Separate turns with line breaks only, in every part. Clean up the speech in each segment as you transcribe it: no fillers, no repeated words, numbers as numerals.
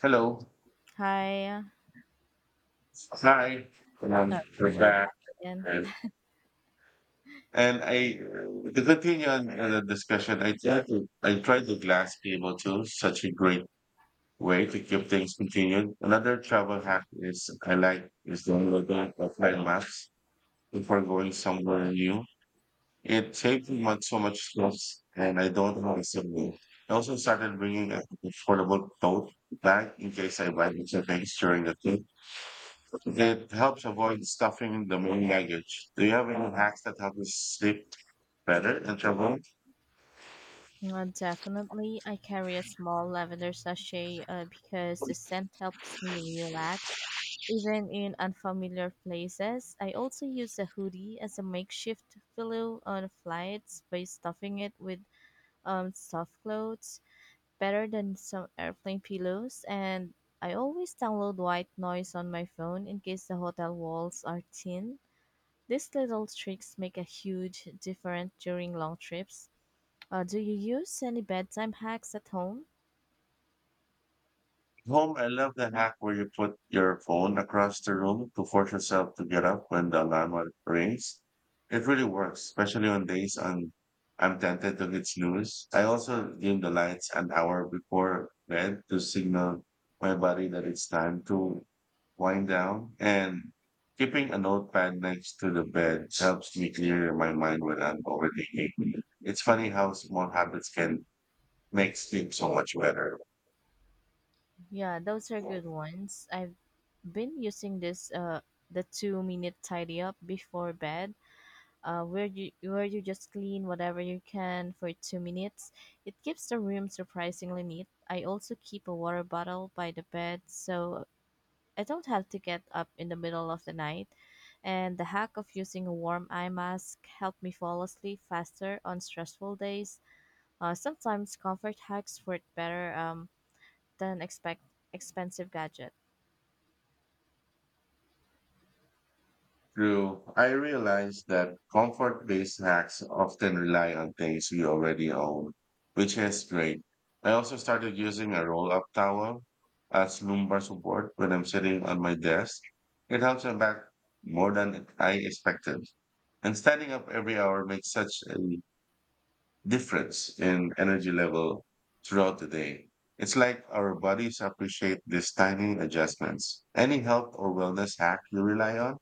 Hello.
Hi.
Hi.
Oh,
We're
we're
back.
back again.
And, and I, to continue on the discussion, I tried the glass table too. Such a great way to keep things continued. Another travel hack is I like is downloading offline maps before going somewhere new. It saves me so much stress and I don't have a signal. I also started bringing a affordable tote bag in case I buy extra things during the trip. It helps avoid stuffing the main luggage. Do you have any hacks that help you sleep better in travel?
Definitely, I carry a small lavender sachet because the scent helps me relax. Even in unfamiliar places, I also use a hoodie as a makeshift pillow on flights by stuffing it with soft clothes, better than some airplane pillows. And I always download white noise on my phone in case the hotel walls are thin. These little tricks make a huge difference during long trips. Do you use any bedtime hacks at home?
Home, I love the hack where you put your phone across the room to force yourself to get up when the alarm rings. It really works, especially on days I'm tempted to hit snooze. I also dim the lights an hour before bed to signal my body that it's time to wind down. And keeping a notepad next to the bed helps me clear my mind when I'm overthinking. It's funny how small habits can make sleep so much better.
Yeah, those are good ones. I've been using this the 2 minute tidy up before bed. Where you just clean whatever you can for 2 minutes. It keeps the room surprisingly neat. I also keep a water bottle by the bed so I don't have to get up in the middle of the night, and the hack of using a warm eye mask helped me fall asleep faster on stressful days. Sometimes comfort hacks work better than expect expensive gadget.
True. I realize that comfort-based hacks often rely on things we already own, which is great. I also started using a roll-up towel as lumbar support when I'm sitting on my desk. It helps my back more than I expected. And standing up every hour makes such a difference in energy level throughout the day. It's like our bodies appreciate these tiny adjustments. Any health or wellness hack you rely on?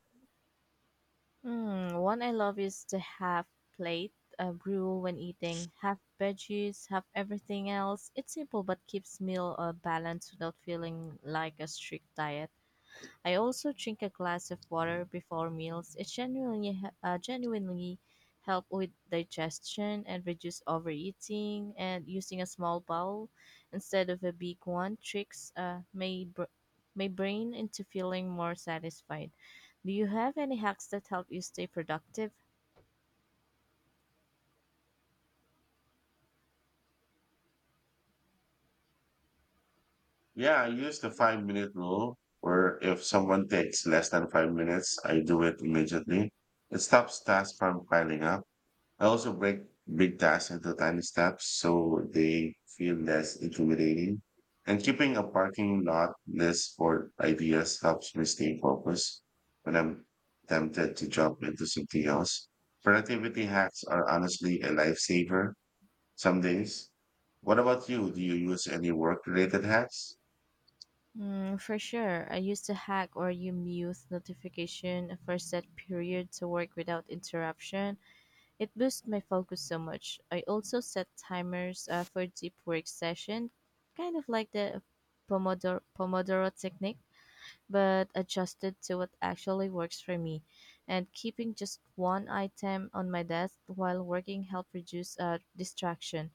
Hmm, one I love is the half plate rule when eating. Half veggies, half everything else. It's simple but keeps meal balanced without feeling like a strict diet. I also drink a glass of water before meals. It genuinely help with digestion and reduce overeating. And using a small bowl instead of a big one tricks my brain into feeling more satisfied. Do you have any hacks that help you stay productive?
Yeah, I use the 5 minute rule where if someone takes less than 5 minutes, I do it immediately. It stops tasks from piling up. I also break big tasks into tiny steps so they feel less intimidating. And keeping a parking lot list for ideas helps me stay focused when I'm tempted to jump into something else. Productivity hacks are honestly a lifesaver some days. What about you? Do you use any work related hacks?
Mm, for sure. I used to hack or you mute notification for set period to work without interruption. It boosts my focus so much. I also set timers for deep work session, kind of like the Pomodoro technique, but adjusted to what actually works for me. And keeping just one item on my desk while working helps reduce distraction.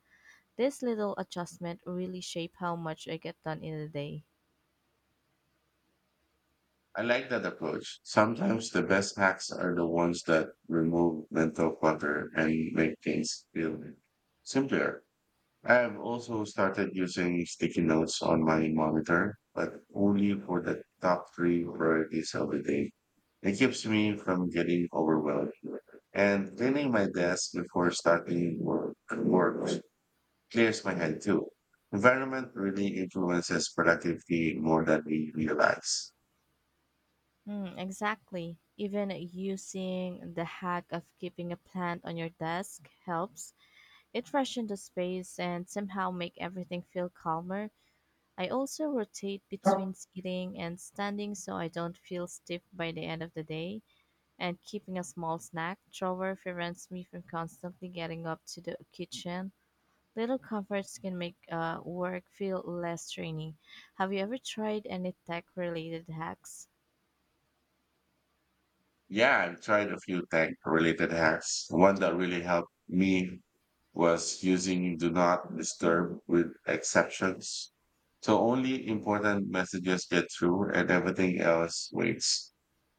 This little adjustment really shape how much I get done in a day.
I like that approach. Sometimes the best hacks are the ones that remove mental clutter and make things feel simpler. I have also started using sticky notes on my monitor, but only for the top three priorities of the day. It keeps me from getting overwhelmed. And cleaning my desk before work clears my head too. Environment really influences productivity more than we realize.
Hmm, exactly. Even using the hack of keeping a plant on your desk helps. It rushes into space and somehow make everything feel calmer. I also rotate between sitting and standing so I don't feel stiff by the end of the day. And keeping a small snack drawer prevents me from constantly getting up to the kitchen. Little comforts can make work feel less draining. Have you ever tried any tech related hacks?
Yeah, I've tried a few tech related hacks. One that really helped me was using do not disturb with exceptions. So only important messages get through and everything else waits.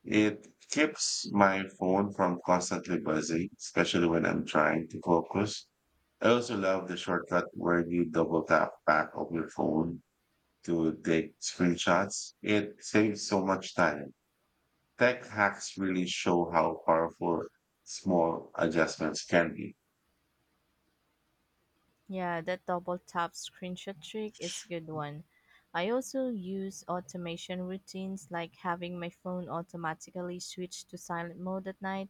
It keeps my phone from constantly buzzing, especially when I'm trying to focus. I also love the shortcut where you double tap back of your phone to take screenshots. It saves so much time. Tech hacks really show how powerful small adjustments can be.
Yeah, that double tap screenshot trick is a good one. I also use automation routines like having my phone automatically switch to silent mode at night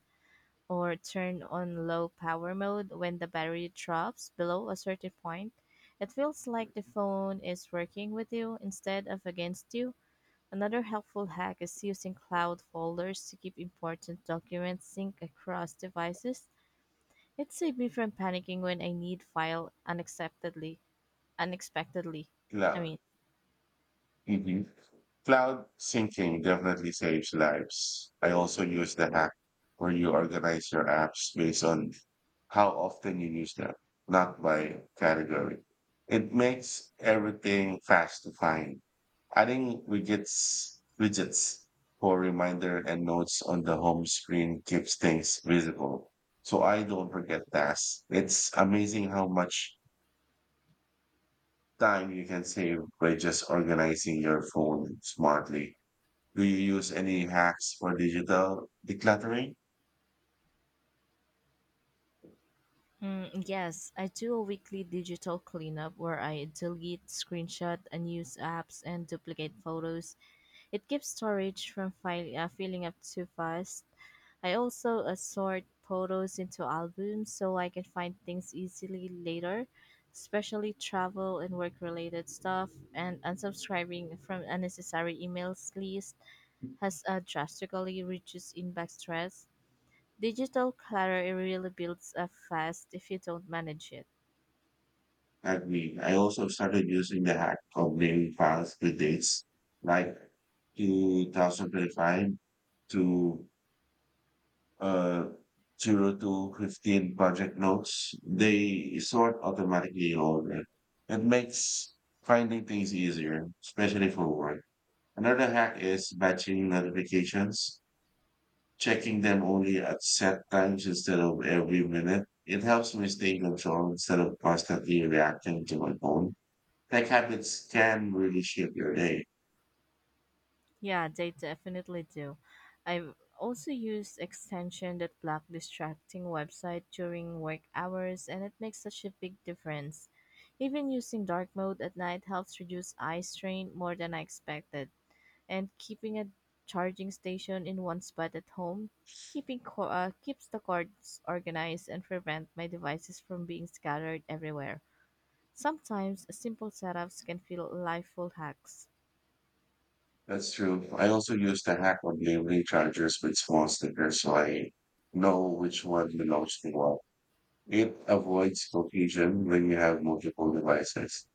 or turn on low power mode when the battery drops below a certain point. It feels like the phone is working with you instead of against you. Another helpful hack is using cloud folders to keep important documents synced across devices. It saved me from panicking when I need file unexpectedly. I
Yeah.
mean,
Mhm. Cloud syncing definitely saves lives. I also use the hack where you organize your apps based on how often you use them, not by category. It makes everything fast to find. Adding widgets for reminder and notes on the home screen keeps things visible. So I don't forget tasks. It's amazing how much time you can save by just organizing your phone smartly. Do you use any hacks for digital decluttering?
mm, yes, I do a weekly digital cleanup where I delete, screenshot, unused apps, and duplicate photos. It keeps storage from filling up too fast. I also sort photos into albums so I can find things easily later, especially travel and work related stuff, and unsubscribing from unnecessary emails list has drastically reduced inbox stress. Digital clutter it really builds up fast if you don't manage it.
I mean, I also started using the hack of naming files with dates like 2025 to uh, 0 to 15 project notes. They sort automatically in order. It makes finding things easier, especially for work. Another hack is batching notifications. Checking them only at set times instead of every minute. It helps me stay in control instead of constantly reacting to my phone. Tech habits can really shape your day.
Yeah, they definitely do. I've also used extension that block distracting website during work hours and it makes such a big difference. Even using dark mode at night helps reduce eye strain more than I expected. And keeping a charging station in one spot at home keeps the cords organized and prevent my devices from being scattered everywhere. Sometimes simple setups can feel like full hacks.
That's true. I also use the hack on delivery chargers with small stickers so I know which one belongs to what. It avoids confusion when you have multiple devices.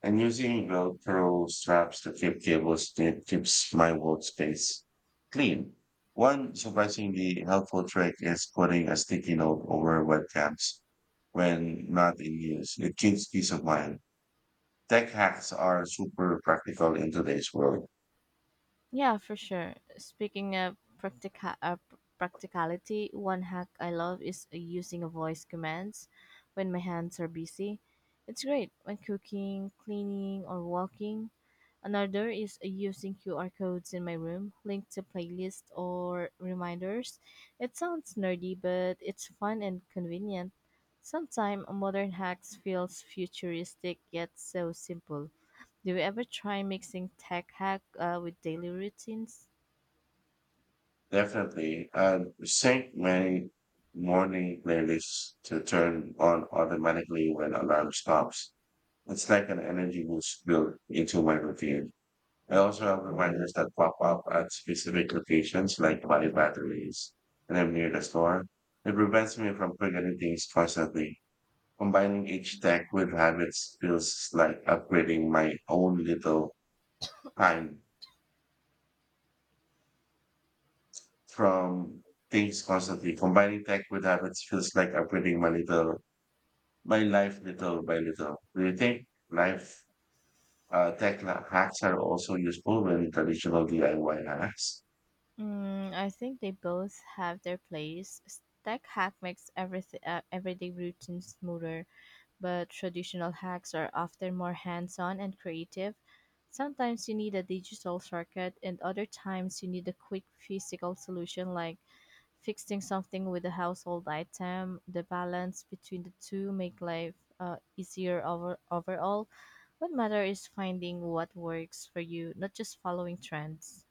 And using Velcro straps to keep cables that keeps my workspace clean. One surprisingly helpful trick is putting a sticky note over webcams when not in use. It gives peace of mind. Tech hacks are super practical in today's world.
Yeah, for sure. Speaking of practicality, one hack I love is using voice commands when my hands are busy. It's great when cooking, cleaning, or walking. Another is using QR codes in my room, linked to playlists or reminders. It sounds nerdy, but it's fun and convenient. Sometimes modern hacks feels futuristic yet so simple. Do you ever try mixing tech hack with daily routines?
Definitely. And sync my morning playlists to turn on automatically when alarm stops. It's like an energy boost built into my routine. I also have reminders that pop up at specific locations like my batteries and I'm near the store. It prevents me from forgetting things constantly. Combining each tech with habits feels like upgrading my own little time from things constantly. Combining tech with habits feels like upgrading my little, my life little by little. Do you think life tech la- hacks are also useful when traditional DIY hacks?
Mm, I think they both have their place. Tech hack makes everything everyday routine smoother, but traditional hacks are often more hands-on and creative. Sometimes you need a digital shortcut, and other times you need a quick physical solution like fixing something with a household item. The balance between the two make life easier overall. What matter is finding what works for you, not just following trends.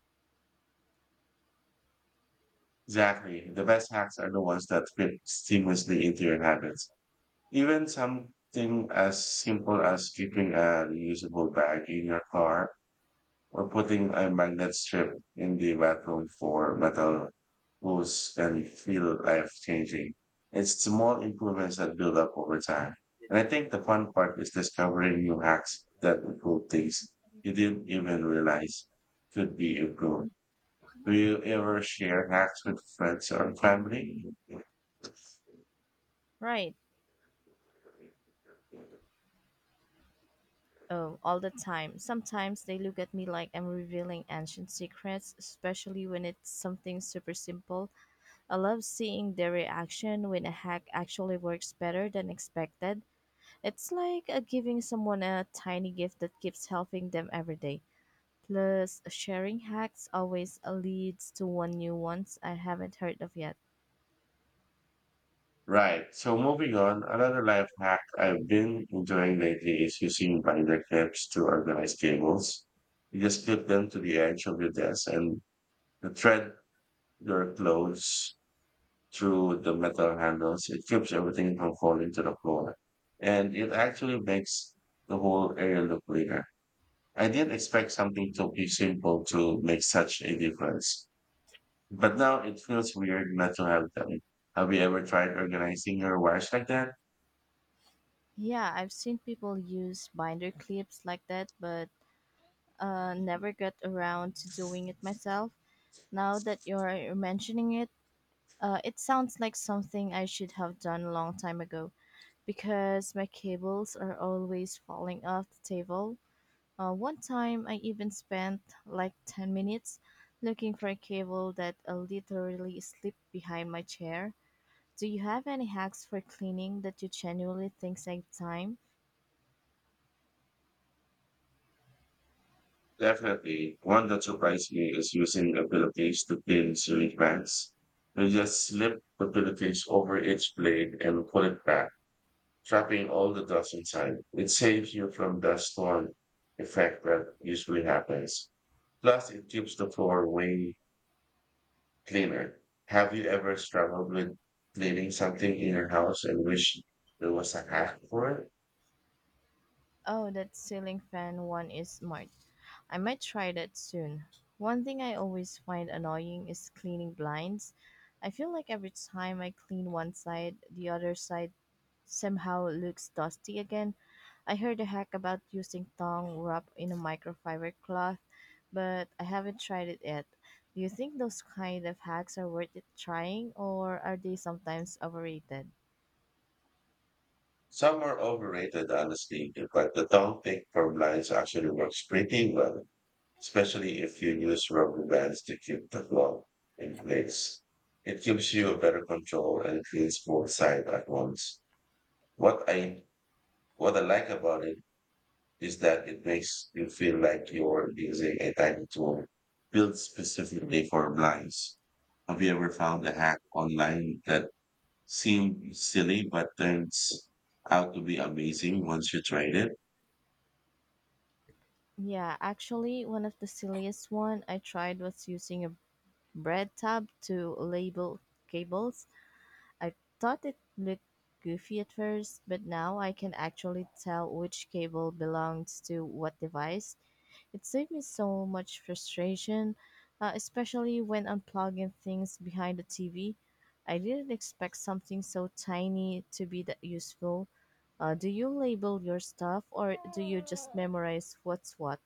Exactly. The best hacks are the ones that fit seamlessly into your habits. Even something as simple as keeping a reusable bag in your car or putting a magnet strip in the bathroom for metal hose can feel life changing. It's small improvements that build up over time. And I think the fun part is discovering new hacks that improve things you didn't even realize could be improved. Do you ever share hacks with friends or family?
Right. Oh, all the time. Sometimes they look at me like I'm revealing ancient secrets, especially when it's something super simple. I love seeing their reaction when a hack actually works better than expected. It's like giving someone a tiny gift that keeps helping them every day. Plus, sharing hacks always leads to one new ones I haven't heard of yet.
Right. So moving on, another life hack I've been enjoying lately is using binder clips to organize cables. You just clip them to the edge of your desk and the thread your clothes through the metal handles. It keeps everything from falling to the floor. And it actually makes the whole area look cleaner. I didn't expect something to be simple to make such a difference. But now it feels weird not to have them. Have you ever tried organizing your wash like that?
Yeah, I've seen people use binder clips like that, but never got around to doing it myself. Now that you're mentioning it, it sounds like something I should have done a long time ago because my cables are always falling off the table. One time, I even spent like 10 minutes looking for a cable that literally slipped behind my chair. Do you have any hacks for cleaning that you genuinely think save time?
Definitely. One that surprised me is using a pillowcase to pin ceiling fans. You just slip the pillowcase over each blade and pull it back, trapping all the dust inside. It saves you from the storm effect that usually happens. Plus, it keeps the floor way cleaner. Have you ever struggled with cleaning something in your house and wish there was a hack for it?
Oh, that ceiling fan one is smart. I might try that soon. One thing I always find annoying is cleaning blinds. I feel like every time I clean one side, the other side somehow looks dusty again. I heard a hack about using tongue wrapped in a microfiber cloth, but I haven't tried it yet. Do you think those kind of hacks are worth it trying, or are they sometimes overrated?
Some are overrated, honestly, but the tongue pick from lines actually works pretty well, especially if you use rubber bands to keep the glove in place. It gives you a better control and cleans both sides at once. What I what I like about it is that it makes you feel like you're using a tiny tool built specifically for blinds. Have you ever found a hack online that seem silly, but turns out to be amazing once you tried it.
Yeah, actually, one of the silliest one I tried was using a bread tab to label cables. I thought it looked goofy at first, but now I can actually tell which cable belongs to what device. It saved me so much frustration, especially when unplugging things behind the TV. I didn't expect something so tiny to be that useful. Do you label your stuff or do you just memorize what's what?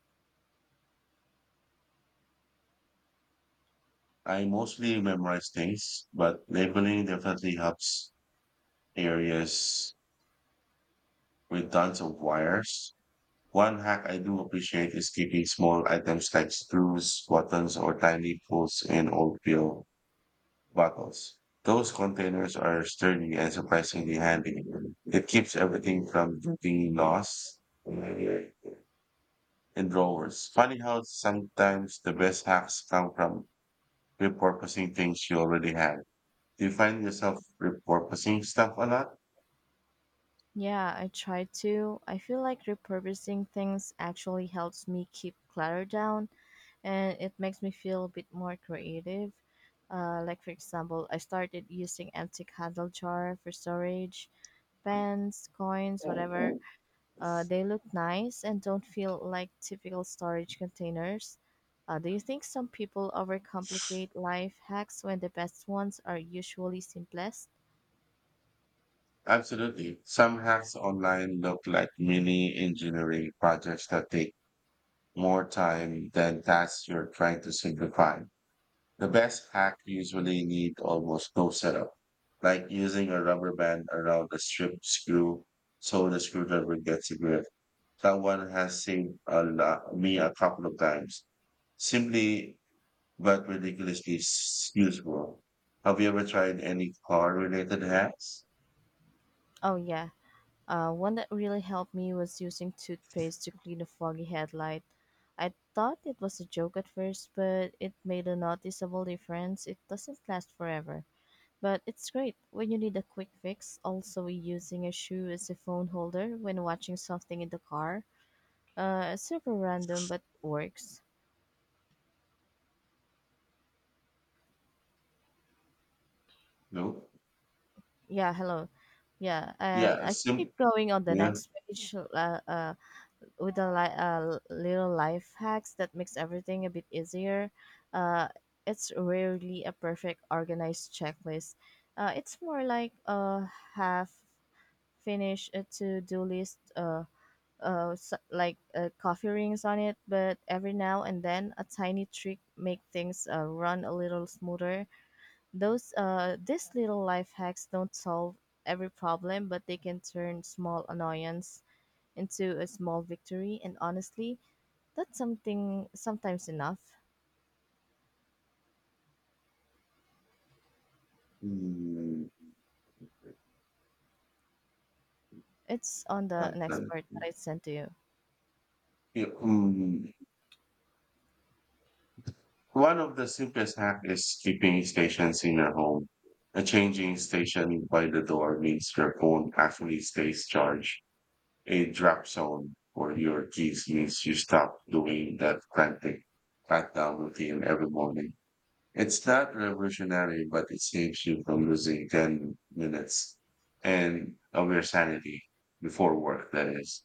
I mostly memorize things, but labeling definitely helps areas with tons of wires. One hack I do appreciate is keeping small items like screws, buttons, or tiny pulls in old pill bottles. Those containers are sturdy and surprisingly handy. It keeps everything from being lost. And drawers. Funny how sometimes the best hacks come from repurposing things you already have. Do you find yourself repurposing stuff a lot?
Yeah, I try to. I feel like repurposing things actually helps me keep clutter down and it makes me feel a bit more creative. For example, I started using empty candle jar for storage, pens, coins, whatever. They look nice and don't feel like typical storage containers. Do you think some people overcomplicate life hacks when the best ones are usually simplest?
Absolutely. Some hacks online look like mini engineering projects that take more time than tasks you're trying to simplify. The best hack usually need almost no setup, like using a rubber band around a strip screw so the screwdriver gets a grip. Someone has saved a lot, me a couple of times. Simply but ridiculously useful. Have you ever tried any car related hacks?
Oh, yeah. One that really helped me was using toothpaste to clean a foggy headlight. I thought it was a joke at first, but it made a noticeable difference. It doesn't last forever, but it's great when you need a quick fix. Also, using a shoe as a phone holder when watching something in the car. Super random, but works.
No.
Yeah, hello. Yeah, and
Yeah.
I keep going on the
Yeah.
next page. With a little life hacks that makes everything a bit easier. Uh, it's rarely a perfect organized checklist. It's more like a half finished to do list, s like coffee rings on it, but every now and then a tiny trick make things run a little smoother. Those these little life hacks don't solve every problem, but they can turn small annoyance into a small victory. And honestly, that's something sometimes enough.
Mm,
It's on the next
okay.
part that I sent to you.
Yeah, mm. One of the simplest hack is keeping stations in your home. A changing station by the door means your phone actually stays charged. A drop zone for your keys means you stop doing that frantic countdown routine every morning. It's not revolutionary, but it saves you from losing 10 minutes and of your sanity before work, that is.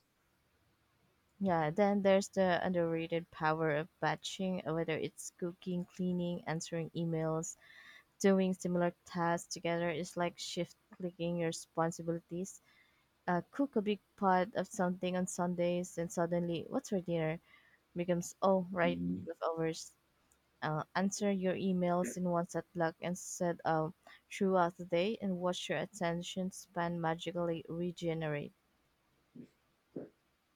Yeah, then there's the underrated power of batching, whether it's cooking, cleaning, answering emails, doing similar tasks together. It's like shift clicking your responsibilities. Cook a big pot of something on Sundays, and suddenly, what's for dinner? Becomes, oh, right,
Mhm.
leftovers. Answer your emails in one set block instead of throughout the day and watch your attention span magically regenerate.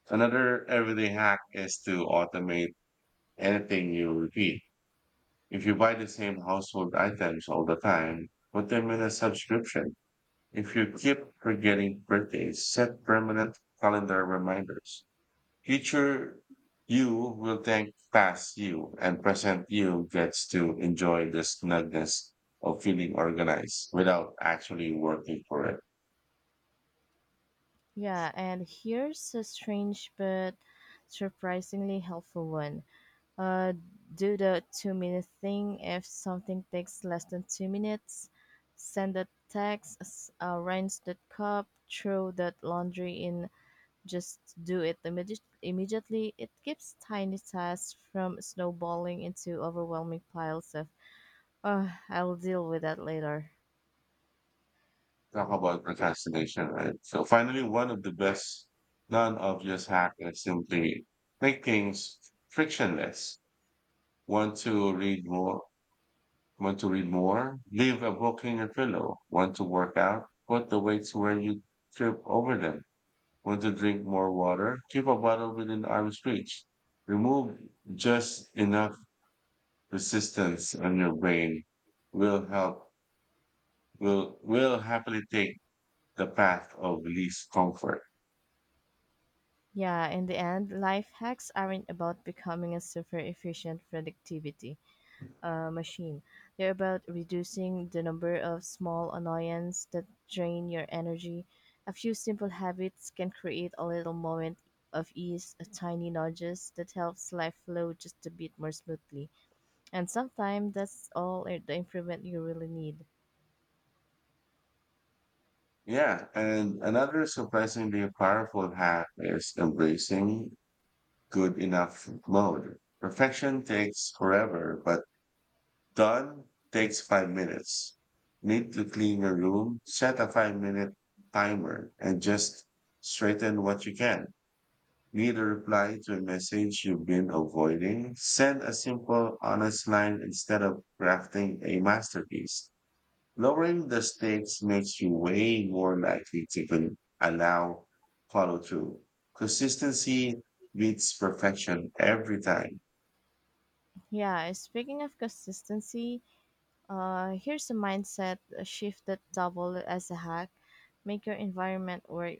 Another everyday hack is to automate anything you repeat. If you buy the same household items all the time, put them in a subscription. If you keep forgetting birthdays, set permanent calendar reminders. Future you will thank past you, and present you gets to enjoy the snugness of feeling organized without actually working for it.
Yeah, and here's a strange but surprisingly helpful one. Uh, do the 2 minute thing if something takes less than 2 minutes. Send a text, rinse that cup, throw that laundry in, just do it immediately. It keeps tiny tasks from snowballing into overwhelming piles of, oh, I'll deal with that later.
Talk about procrastination, right? So finally, one of the best non-obvious hack is simply make things frictionless. Want to read more? Want to read more? Leave a book in your pillow. Want to work out? Put the weights where you trip over them. Want to drink more water? Keep a bottle within arm's reach. Remove just enough resistance on your brain will help will happily take the path of least comfort.
Yeah, in the end, life hacks aren't about becoming a super efficient productivity machine. They're about reducing the number of small annoyances that drain your energy. A few simple habits can create a little moment of ease, a tiny nudges that helps life flow just a bit more smoothly. And sometimes that's the improvement you really need.
Yeah, and another surprisingly powerful hack is embracing good enough mode. Perfection takes forever, but done takes 5 minutes. Need to clean your room, set a 5 minute timer, and just straighten what you can. Need a reply to a message you've been avoiding. Send a simple, honest line instead of crafting a masterpiece. Lowering the stakes makes you way more likely to allow follow through. Consistency beats perfection every time.
Yeah, speaking of consistency, here's a mindset shift that double as a hack. Make your environment work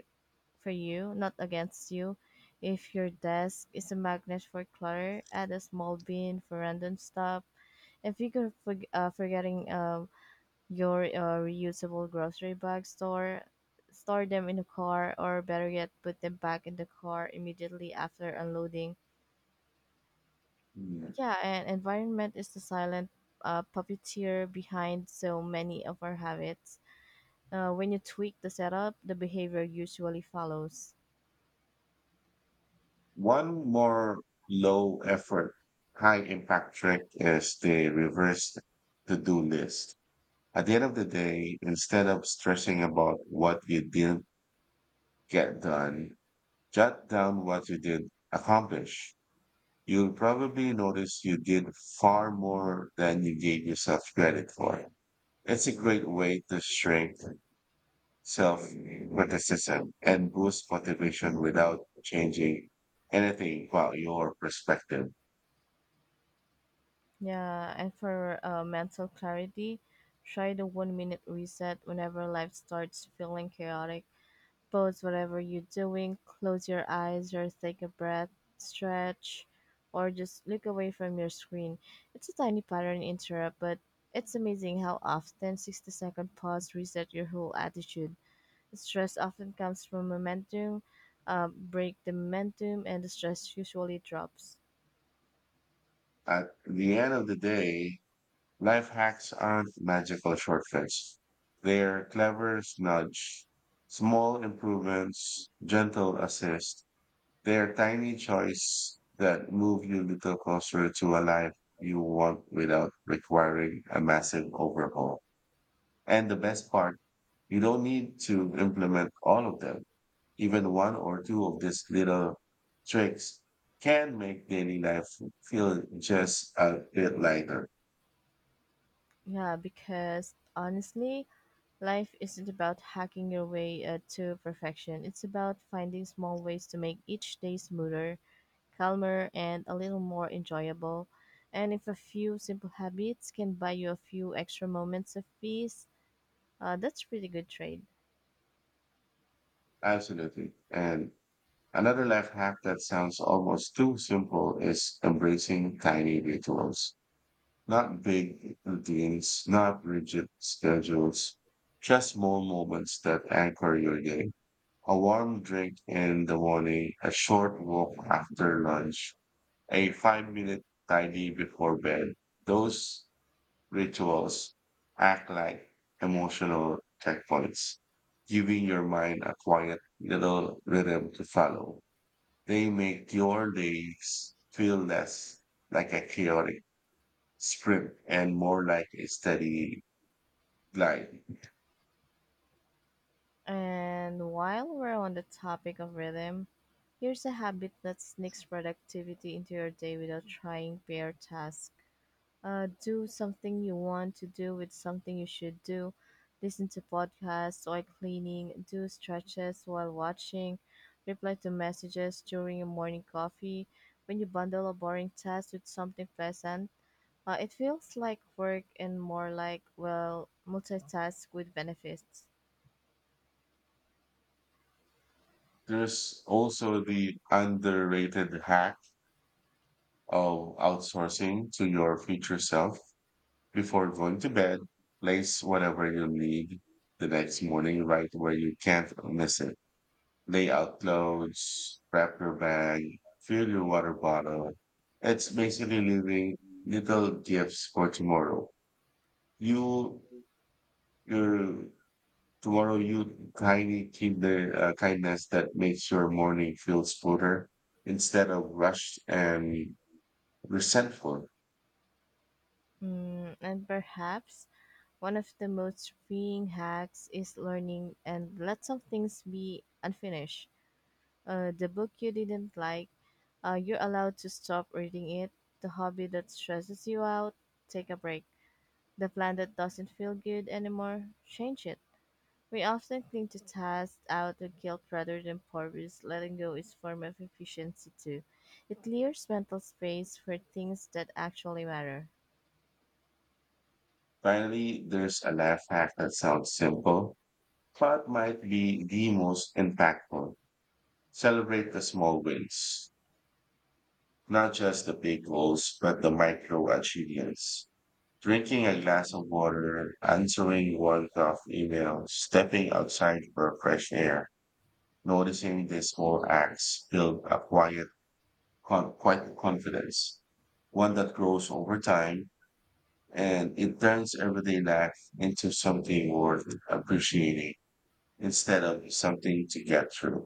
for you, not against you. If your desk is a magnet for clutter, add a small bin for random stuff. If you could forg forgetting your reusable grocery bag store, store them in the car, or better yet, put them back in the car immediately after unloading. Yeah, and environment is the silent puppeteer behind so many of our habits. When you tweak the setup, the behavior usually follows.
One more low effort, high impact trick is the reverse to do list. At the end of the day, instead of stressing about what you didn't get done, jot down what you did accomplish. You'll probably notice you did far more than you gave yourself credit for. It's a great way to shrink self criticism and boost motivation without changing anything about your perspective.
Yeah, and for mental clarity, try the 1 minute reset whenever life starts feeling chaotic. Pause whatever you're doing, close your eyes or take a breath, stretch, or just look away from your screen. It's a tiny pattern interrupt, but it's amazing how often 60-second pause reset your whole attitude. Stress often comes from momentum. Break the momentum, and the stress usually drops.
At the end of the day, life hacks aren't magical shortcuts. They're clever nudge, small improvements, gentle assist. They're tiny choice that move you a little closer to a life you want without requiring a massive overhaul. And the best part, you don't need to implement all of them. Even one or two of these little tricks can make daily life feel just a bit lighter.
Yeah, because honestly, life isn't about hacking your way to perfection. It's about finding small ways to make each day smoother, calmer, and a little more enjoyable. And if a few simple habits can buy you a few extra moments of peace, that's pretty good trade.
Absolutely. And another life hack that sounds almost too simple is embracing tiny rituals. Not big routines, not rigid schedules, just small moments that anchor your day. A warm drink in the morning, a short walk after lunch, a 5 minute tidy before bed. Those rituals act like emotional checkpoints, giving your mind a quiet little rhythm to follow. They make your days feel less like a chaotic sprint and more like a steady glide.
And while we're on the topic of rhythm, here's a habit that sneaks productivity into your day without trying bare tasks. Do something you want to do with something you should do. Listen to podcasts while cleaning, do stretches while watching, reply to messages during your morning coffee. When you bundle a boring task with something pleasant, it feels like work and more like, well, multitask with benefits.
There's also the underrated hack of outsourcing to your future self before going to bed. Place whatever you need the next morning right where you can't miss it. Lay out clothes, wrap your bag, fill your water bottle. It's basically leaving little gifts for tomorrow. You, your tomorrow, you tiny kinder kindness that makes your morning feel smoother instead of rushed and resentful.
Mm, and perhaps one of the most freeing hacks is learning and let some things be unfinished. The book you didn't like, you're allowed to stop reading it. The hobby that stresses you out, take a break. The plan that doesn't feel good anymore, change it. We often cling to tasks out of guilt rather than purpose. Letting go is form of efficiency too. It clears mental space for things that actually matter.
Finally, there's a laugh hack that sounds simple, but might be the most impactful. Celebrate the small wins. Not just the big goals, but the micro achievements. Drinking a glass of water, answering one tough email, stepping outside for fresh air, noticing these small acts build a quiet, quite confidence, one that grows over time and it turns everyday life into something worth appreciating instead of something to get through.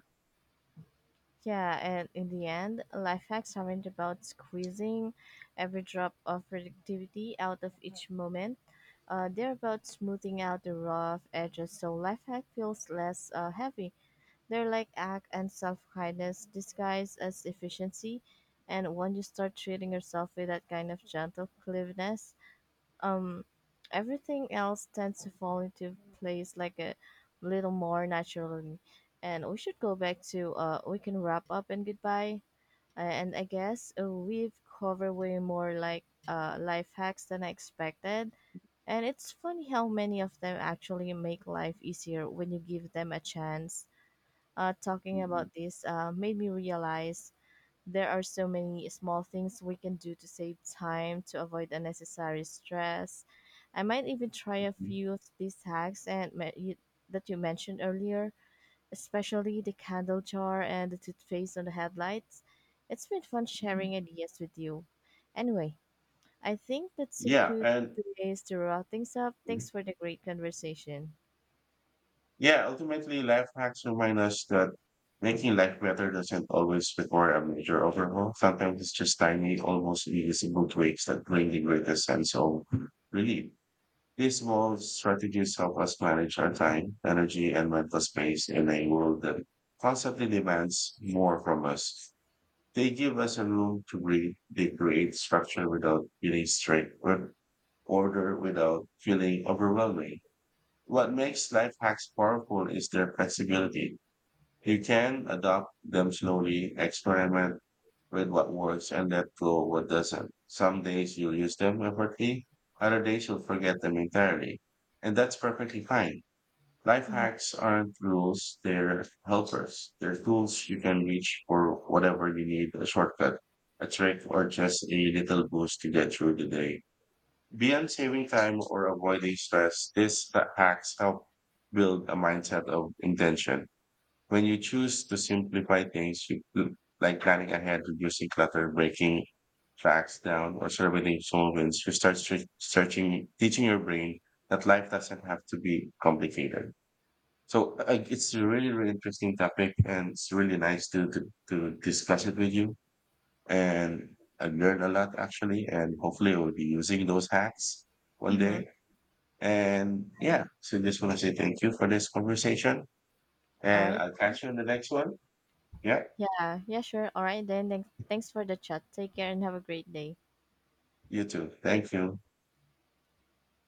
Yeah, and in the end, life hacks aren't about squeezing every drop of productivity out of each moment. They're about smoothing out the rough edges so life hack feels less heavy. They're like act and self kindness disguised as efficiency. And when you start treating yourself with that kind of gentle cleanliness, um everything else tends to fall into place like a little more naturally. And we should go back to we can wrap up and goodbye. And I guess we've covered way more like life hacks than I expected, and it's funny how many of them actually make life easier when you give them a chance. Talking
Mhm.
about this made me realize there are so many small things we can do to save time, to avoid unnecessary stress. I might even try a few of these hacks and you, that you mentioned earlier, especially the candle jar and the toothpaste on the headlights. It's been fun sharing ideas with you. Anyway, I think that's a
Yeah,
good
and
place to wrap things up. Thanks for the great conversation.
Yeah, ultimately, life hacks remind us that making life better doesn't always require a major overhaul. Sometimes it's just tiny, almost invisible tweaks that bring the greatest sense of relief. These small strategies help us manage our time, energy, and mental space in a world that constantly demands more from us. They give us a room to breathe. They create structure without feeling strict or order without feeling overwhelming. What makes life hacks powerful is their flexibility. You can adopt them slowly, experiment with what works, and let go what doesn't. Some days you'll use them effortlessly, other days you'll forget them entirely. And that's perfectly fine. Life
Mm-hmm.
hacks aren't rules, they're helpers. They're tools you can reach for whatever you need a shortcut, a trick, or just a little boost to get through the day. Beyond saving time or avoiding stress, these hacks help build a mindset of intention. When you choose to simplify things, you, like planning ahead, reducing clutter, breaking facts down, or surveying solvents, you searching, teaching your brain that life doesn't have to be complicated. So it's a really interesting topic, and it's really nice to discuss it with you. And I learned a lot actually, and hopefully I will be using those hacks one
Mm-hmm.
day. And yeah, so just want to say thank you for this conversation.
All
And
right.
I'll catch you in the next one. Yeah,
Yeah. Yeah. Sure. All right. Then. Thanks. Thanks for the chat. Take care and have a great day.
you too. Thank you.